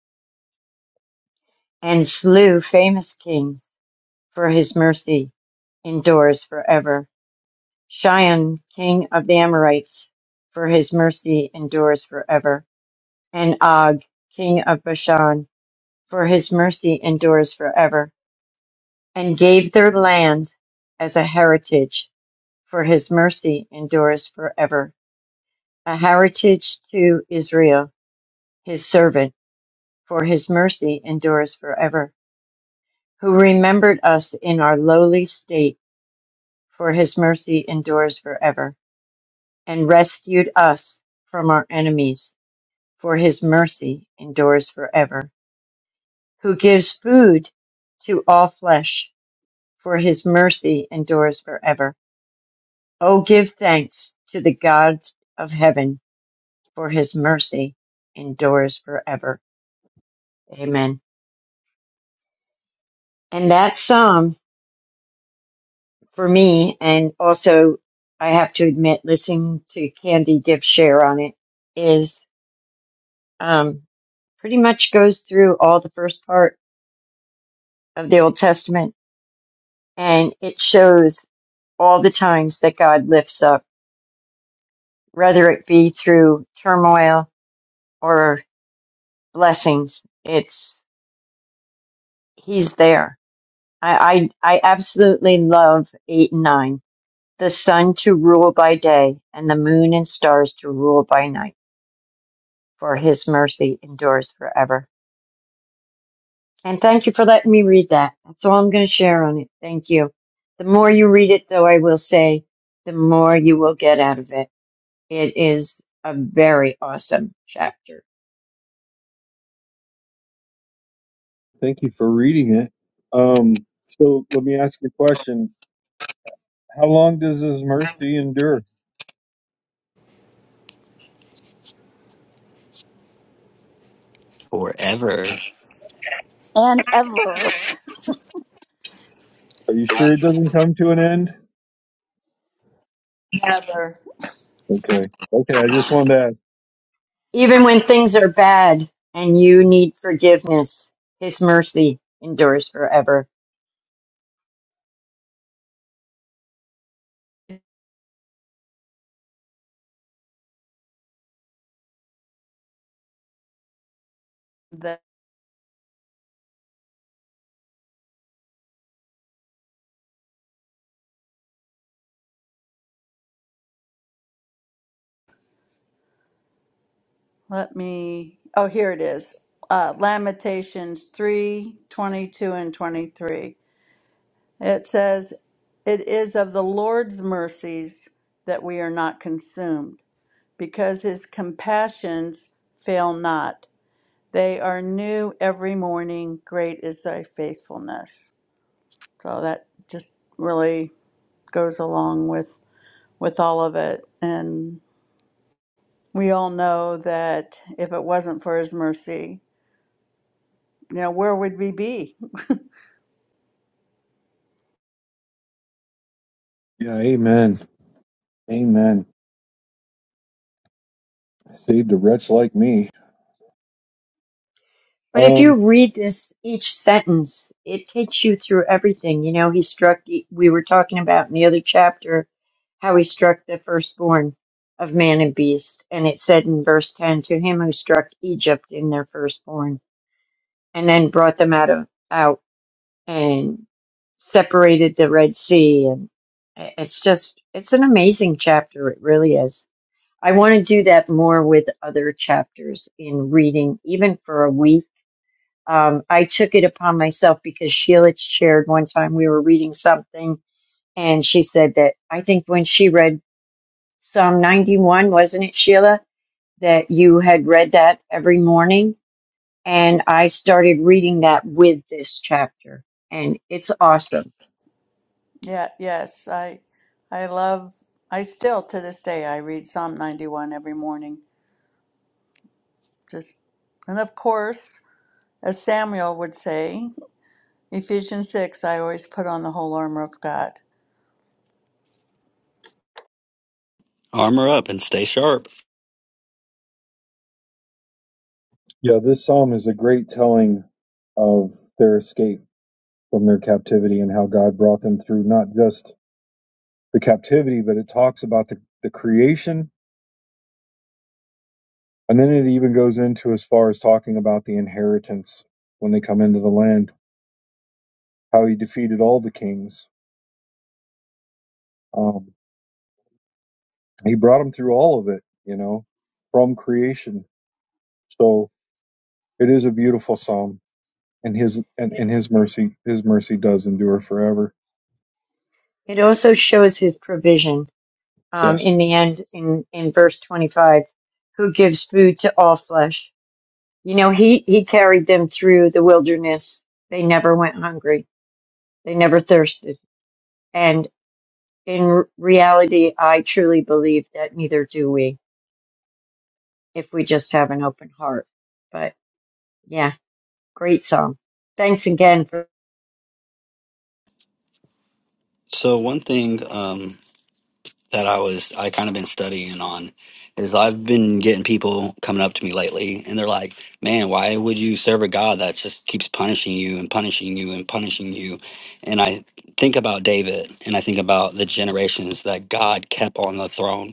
Speaker 4: and slew famous kings for his mercy endures forever. Shion, king of the Amorites, for his mercy endures forever. And Og, king of Bashan, for his mercy endures forever. And gave their land as a heritage, for his mercy endures forever. A heritage to Israel, his servant, for his mercy endures forever. Who remembered us in our lowly state, for his mercy endures forever and rescued us from our enemies, for his mercy endures forever. Who gives food to all flesh, for his mercy endures forever. Oh, give thanks to the God of heaven, for his mercy endures forever. Amen. And that psalm for me, and also I have to admit, listening to Candy give share on it is um, pretty much goes through all the first part of the Old Testament, and it shows all the times that God lifts up, whether it be through turmoil or blessings. It's He's there. I I, I absolutely love eight and nine. The sun to rule by day, and the moon and stars to rule by night. For His mercy endures forever. And thank you for letting me read that. That's all I'm going to share on it. Thank you. The more you read it, though, I will say, the more you will get out of it. It is a very awesome chapter.
Speaker 1: Thank you for reading it. Um, so let me ask you a question. How long does His mercy endure?
Speaker 2: Forever.
Speaker 3: and ever.
Speaker 1: Are you sure it doesn't come to an end?
Speaker 6: Heather.
Speaker 1: Okay. Okay. I just wanted to ask.
Speaker 4: Even when things are bad and you need forgiveness, His mercy endures forever.
Speaker 6: Let me, oh, here it is. Uh, Lamentations 3 22 and 23. It says, It is of the Lord's mercies that we are not consumed, because his compassions fail not. They are new every morning. Great is thy faithfulness. So that just really goes along with, with all of it. And we all know that if it wasn't for his mercy, you know, where would we be?
Speaker 1: Yeah. Amen. Amen. Saved a wretch like me.
Speaker 4: But if
Speaker 1: Um,
Speaker 4: you read this, each sentence, it takes you through everything. You know, He struck, we were talking about in the other chapter, how He struck the firstborn of man and beast. And it said in verse 10, to Him who struck Egypt in their firstborn and then brought them out of, out. and separated the Red Sea. And it's just, it's an amazing chapter. It really is. I want to do that more with other chapters in reading, even for a week. Um, I took it upon myself because Sheila shared one time we were reading something and she said that I think when she read Psalm 91, wasn't it, Sheila, that you had read that every morning? And I started reading that with this chapter and it's awesome.
Speaker 6: Yeah, yes, I I love I still to this day I read Psalm 91 every morning. Just and of course, as Samuel would say, Ephesians 6, I always put on the whole armor of God.
Speaker 2: armor up and stay sharp.
Speaker 1: Yeah, this psalm is a great telling of their escape from their captivity and how God brought them through not just the captivity, but it talks about the, the creation. And then it even goes into as far as talking about the inheritance when they come into the land, how he defeated all the kings. Um, he brought them through all of it, you know, from creation. So it is a beautiful psalm and his and, and his mercy his mercy does endure forever.
Speaker 4: It also shows his provision um,
Speaker 1: Yes.
Speaker 4: in the end, in, in verse 25, who gives food to all flesh. You know, he, he carried them through the wilderness. They never went hungry, they never thirsted. And in r- reality, I truly believe that neither do we if we just have an open heart. But yeah, great song. Thanks again for
Speaker 2: So one thing um, that I was I kind of been studying on is I've been getting people coming up to me lately and they're like, "Man, why would you serve a God that just keeps punishing you and punishing you and punishing you?" And I think about David and I think about the generations that God kept on the throne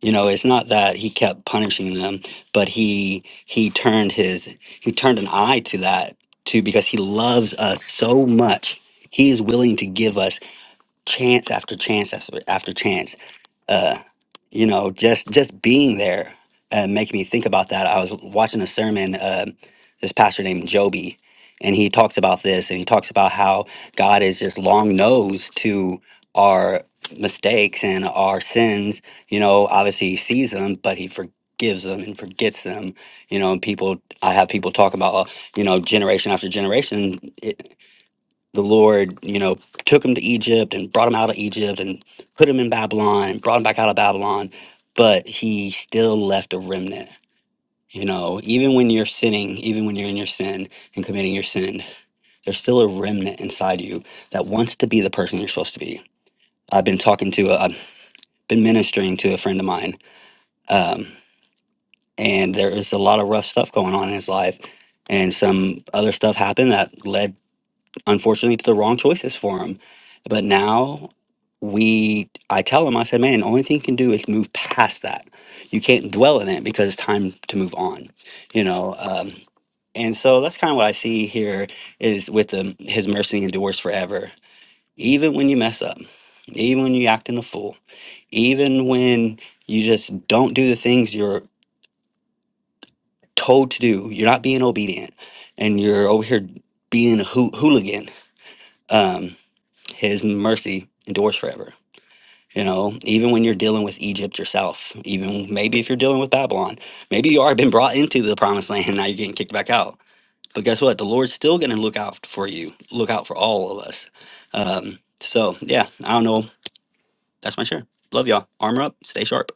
Speaker 2: You know, it's not that he kept punishing them, but he he turned his he turned an eye to that too because he loves us so much. He is willing to give us chance after chance after, after chance uh, you know, just just being there uh, making me think about that. I was watching a sermon, uh, this pastor named Joby, and he talks about this, and he talks about how God is just long nosed to our mistakes and our sins. You know, obviously he sees them, but he forgives them and forgets them. You know, and people, I have people talk about, uh, you know, generation after generation the Lord, you know, took him to Egypt and brought him out of Egypt and put him in Babylon and brought him back out of Babylon, but he still left a remnant. You know, even when you're sinning, even when you're in your sin and committing your sin, there's still a remnant inside you that wants to be the person you're supposed to be. I've been talking to, a, I've been ministering to a friend of mine, um, and there is a lot of rough stuff going on in his life, and some other stuff happened that led unfortunately the wrong choices for him. But now we I tell him, I said, man, the only thing you can do is move past that. You can't dwell in it because it's time to move on, you know. Um, and so that's kind of what I see here is with the, his mercy endures forever. Even when you mess up, even when you acting a fool, even when you just don't do the things you're told to do, you're not being obedient and you're over here being a hoo- hooligan. Um, His mercy endures forever. You know, even when you're dealing with Egypt yourself, even maybe if you're dealing with Babylon, maybe you already been brought into the promised land and now you're getting kicked back out. But guess what? The Lord's still going to look out for you, look out for all of us. Um, so, yeah, I don't know. That's my share. Love y'all. Armor up, stay sharp.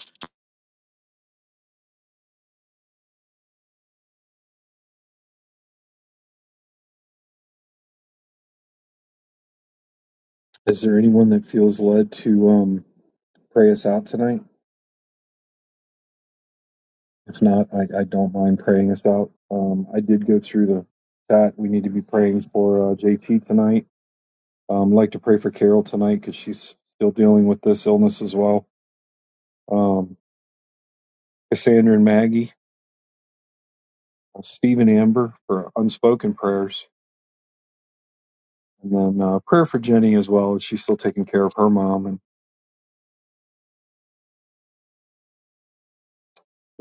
Speaker 1: Is there anyone that feels led to um, pray us out tonight? If not, I, I don't mind praying us out. Um, I did go through the chat. We need to be praying for uh, JT tonight. Um, I'd like to pray for Carol tonight because she's still dealing with this illness as well. Um, Cassandra and Maggie, uh, Steve and Amber for unspoken prayers, and then uh, prayer for Jenny as well. She's still taking care of her mom and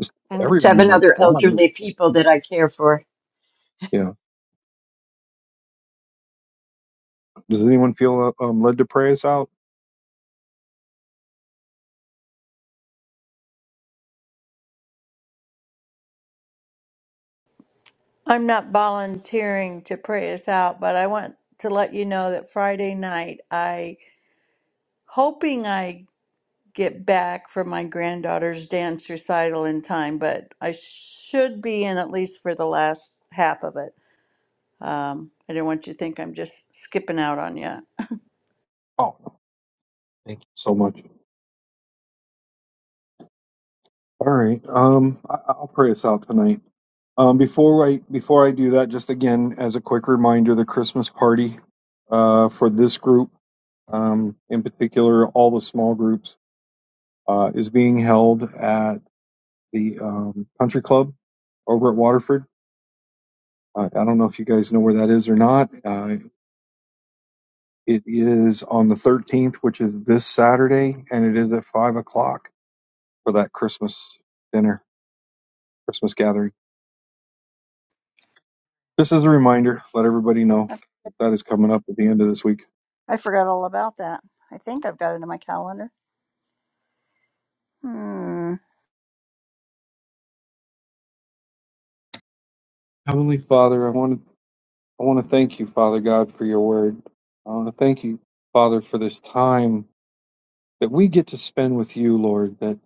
Speaker 1: just
Speaker 4: and the
Speaker 1: everyone.
Speaker 4: seven other elderly people that I care for.
Speaker 1: Yeah. Does anyone feel uh, um, led to pray us out?
Speaker 6: I'm not volunteering to pray us out, but I want to let you know that Friday night I hoping I get back for my granddaughter's dance recital in time, but I should be in at least for the last half of it. Um, I didn't want you to think I'm just skipping out on you.
Speaker 1: Oh, thank you so much. All right. Um, I, I'll pray us out tonight. Um, before I before I do that, just again as a quick reminder, the Christmas party uh, for this group, um, in particular, all the small groups, uh, is being held at the um, country club over at Waterford. Uh, I don't know if you guys know where that is or not. Uh, it is on the 13th, which is this Saturday, and it is at five o'clock for that Christmas dinner, Christmas gathering. Just as a reminder, let everybody know that that is coming up at the end of this week.
Speaker 3: I forgot all about that. I think I've got it in my calendar. Hmm.
Speaker 1: Heavenly Father, I want to I want to thank you, Father God, for your word. I want to thank you, Father, for this time that we get to spend with you, Lord. That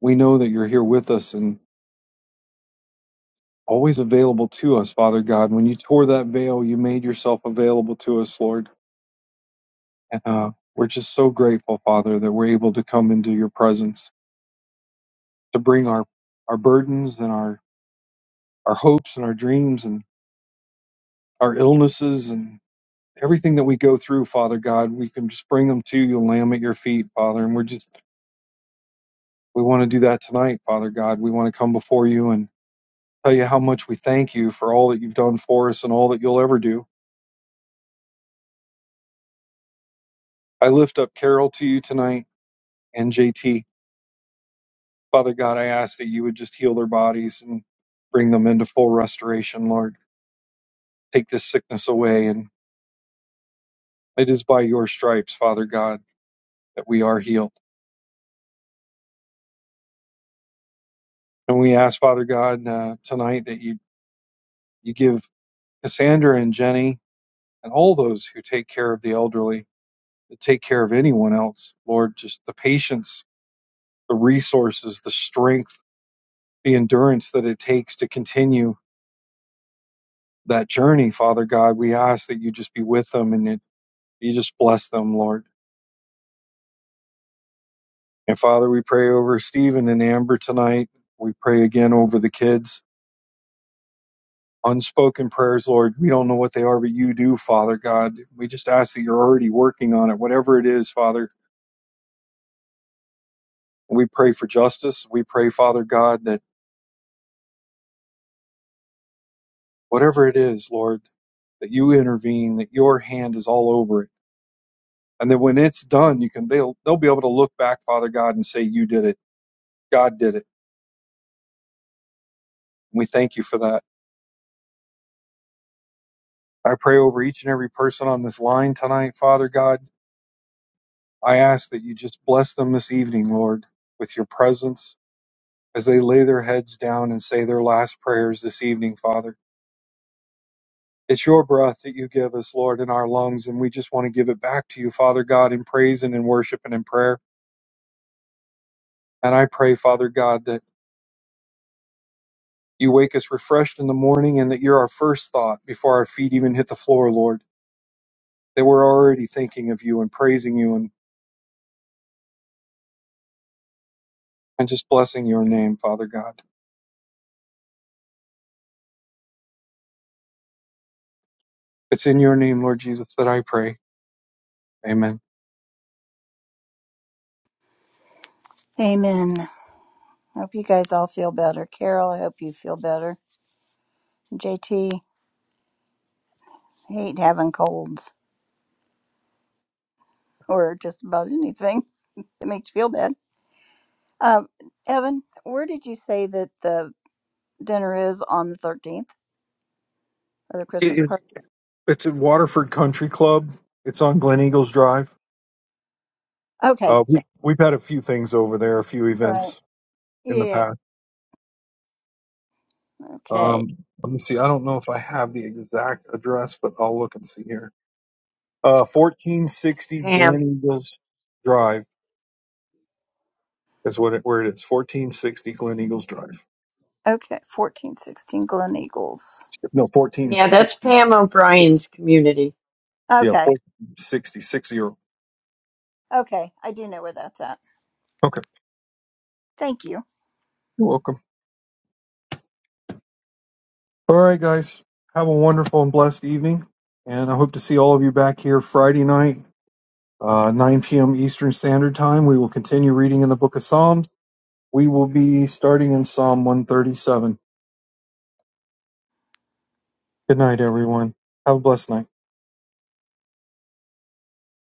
Speaker 1: we know that you're here with us and always available to us, Father God. When you tore that veil, you made yourself available to us, Lord. And uh, we're just so grateful, Father, that we're able to come into your presence to bring our our burdens and our our hopes and our dreams and our illnesses and everything that we go through, Father God, we can just bring them to you, lay them at your feet, Father. And we're just, we want to do that tonight, Father God. We want to come before you and tell you how much we thank you for all that you've done for us and all that you'll ever do. I lift up Carol to you tonight and JT. Father God, I ask that you would just heal their bodies and bring them into full restoration, Lord. Take this sickness away. And it is by your stripes, Father God, that we are healed. And we ask, Father God, uh, tonight that you, you give Cassandra and Jenny and all those who take care of the elderly, that take care of anyone else. Lord, just the patience, the resources, the strength, the endurance that it takes to continue that journey, Father God. We ask that you just be with them and that you just bless them, Lord. And Father, we pray over Stephen and Amber tonight. We pray again over the kids. Unspoken prayers, Lord. We don't know what they are, but you do, Father God. We just ask that you're already working on it, whatever it is, Father. And We pray for justice. We pray, Father God, that Whatever it is, Lord, that you intervene, that your hand is all over it. And then when it's done, you can they'll they'll be able to look back, Father God, and say, You did it. God did it. And we thank you for that. I pray over each and every person on this line tonight, Father God. I ask that you just bless them this evening, Lord, with your presence as they lay their heads down and say their last prayers this evening, Father. It's your breath that you give us, Lord, in our lungs, and we just want to give it back to you, Father God, in praise and in worship and in prayer. And I pray, Father God, that You wake us refreshed in the morning, and that you're our first thought before our feet even hit the floor, Lord. That we're already thinking of you and praising you and, and just blessing your name, Father God. It's in your name, Lord Jesus, that I pray. Amen.
Speaker 3: Amen. I hope you guys all feel better. Carol, I hope you feel better. JT, hate having colds or just about anything. It makes you feel bad. Um, Evan, where did you say that the dinner is on the 13th or the
Speaker 1: It
Speaker 3: Christmas
Speaker 1: is,
Speaker 3: party?
Speaker 1: it's at Waterford Country Club. It's on Glen Eagles Drive.
Speaker 3: Okay,
Speaker 1: Uh,
Speaker 3: yeah.
Speaker 1: we, we've had a few things over there, a few
Speaker 3: Right.
Speaker 1: events in the
Speaker 3: Yeah.
Speaker 1: past.
Speaker 3: Okay.
Speaker 1: Um, let me see. I don't know if I have the exact address, but I'll look and see here. Uh,
Speaker 4: That's
Speaker 1: 1460
Speaker 4: Pam.
Speaker 1: Glen Eagles Drive. That's what it, where it is. 1460 Glen Eagles Drive.
Speaker 3: Okay. 1416 Glen Eagles.
Speaker 1: No,
Speaker 4: Yeah,
Speaker 1: 1460.
Speaker 4: that's Pam O'Brien's community.
Speaker 1: Yeah,
Speaker 3: Okay.
Speaker 1: 1460,
Speaker 3: Okay. I do know where that's at.
Speaker 1: Okay.
Speaker 3: Thank you.
Speaker 1: You're welcome. All right, guys. Have a wonderful and blessed evening. And I hope to see all of you back here Friday night, uh, 9 p.m. Eastern Standard Time. We will continue reading in the book of Psalms. We will be starting in Psalm 137. Good night, everyone. Have a blessed night.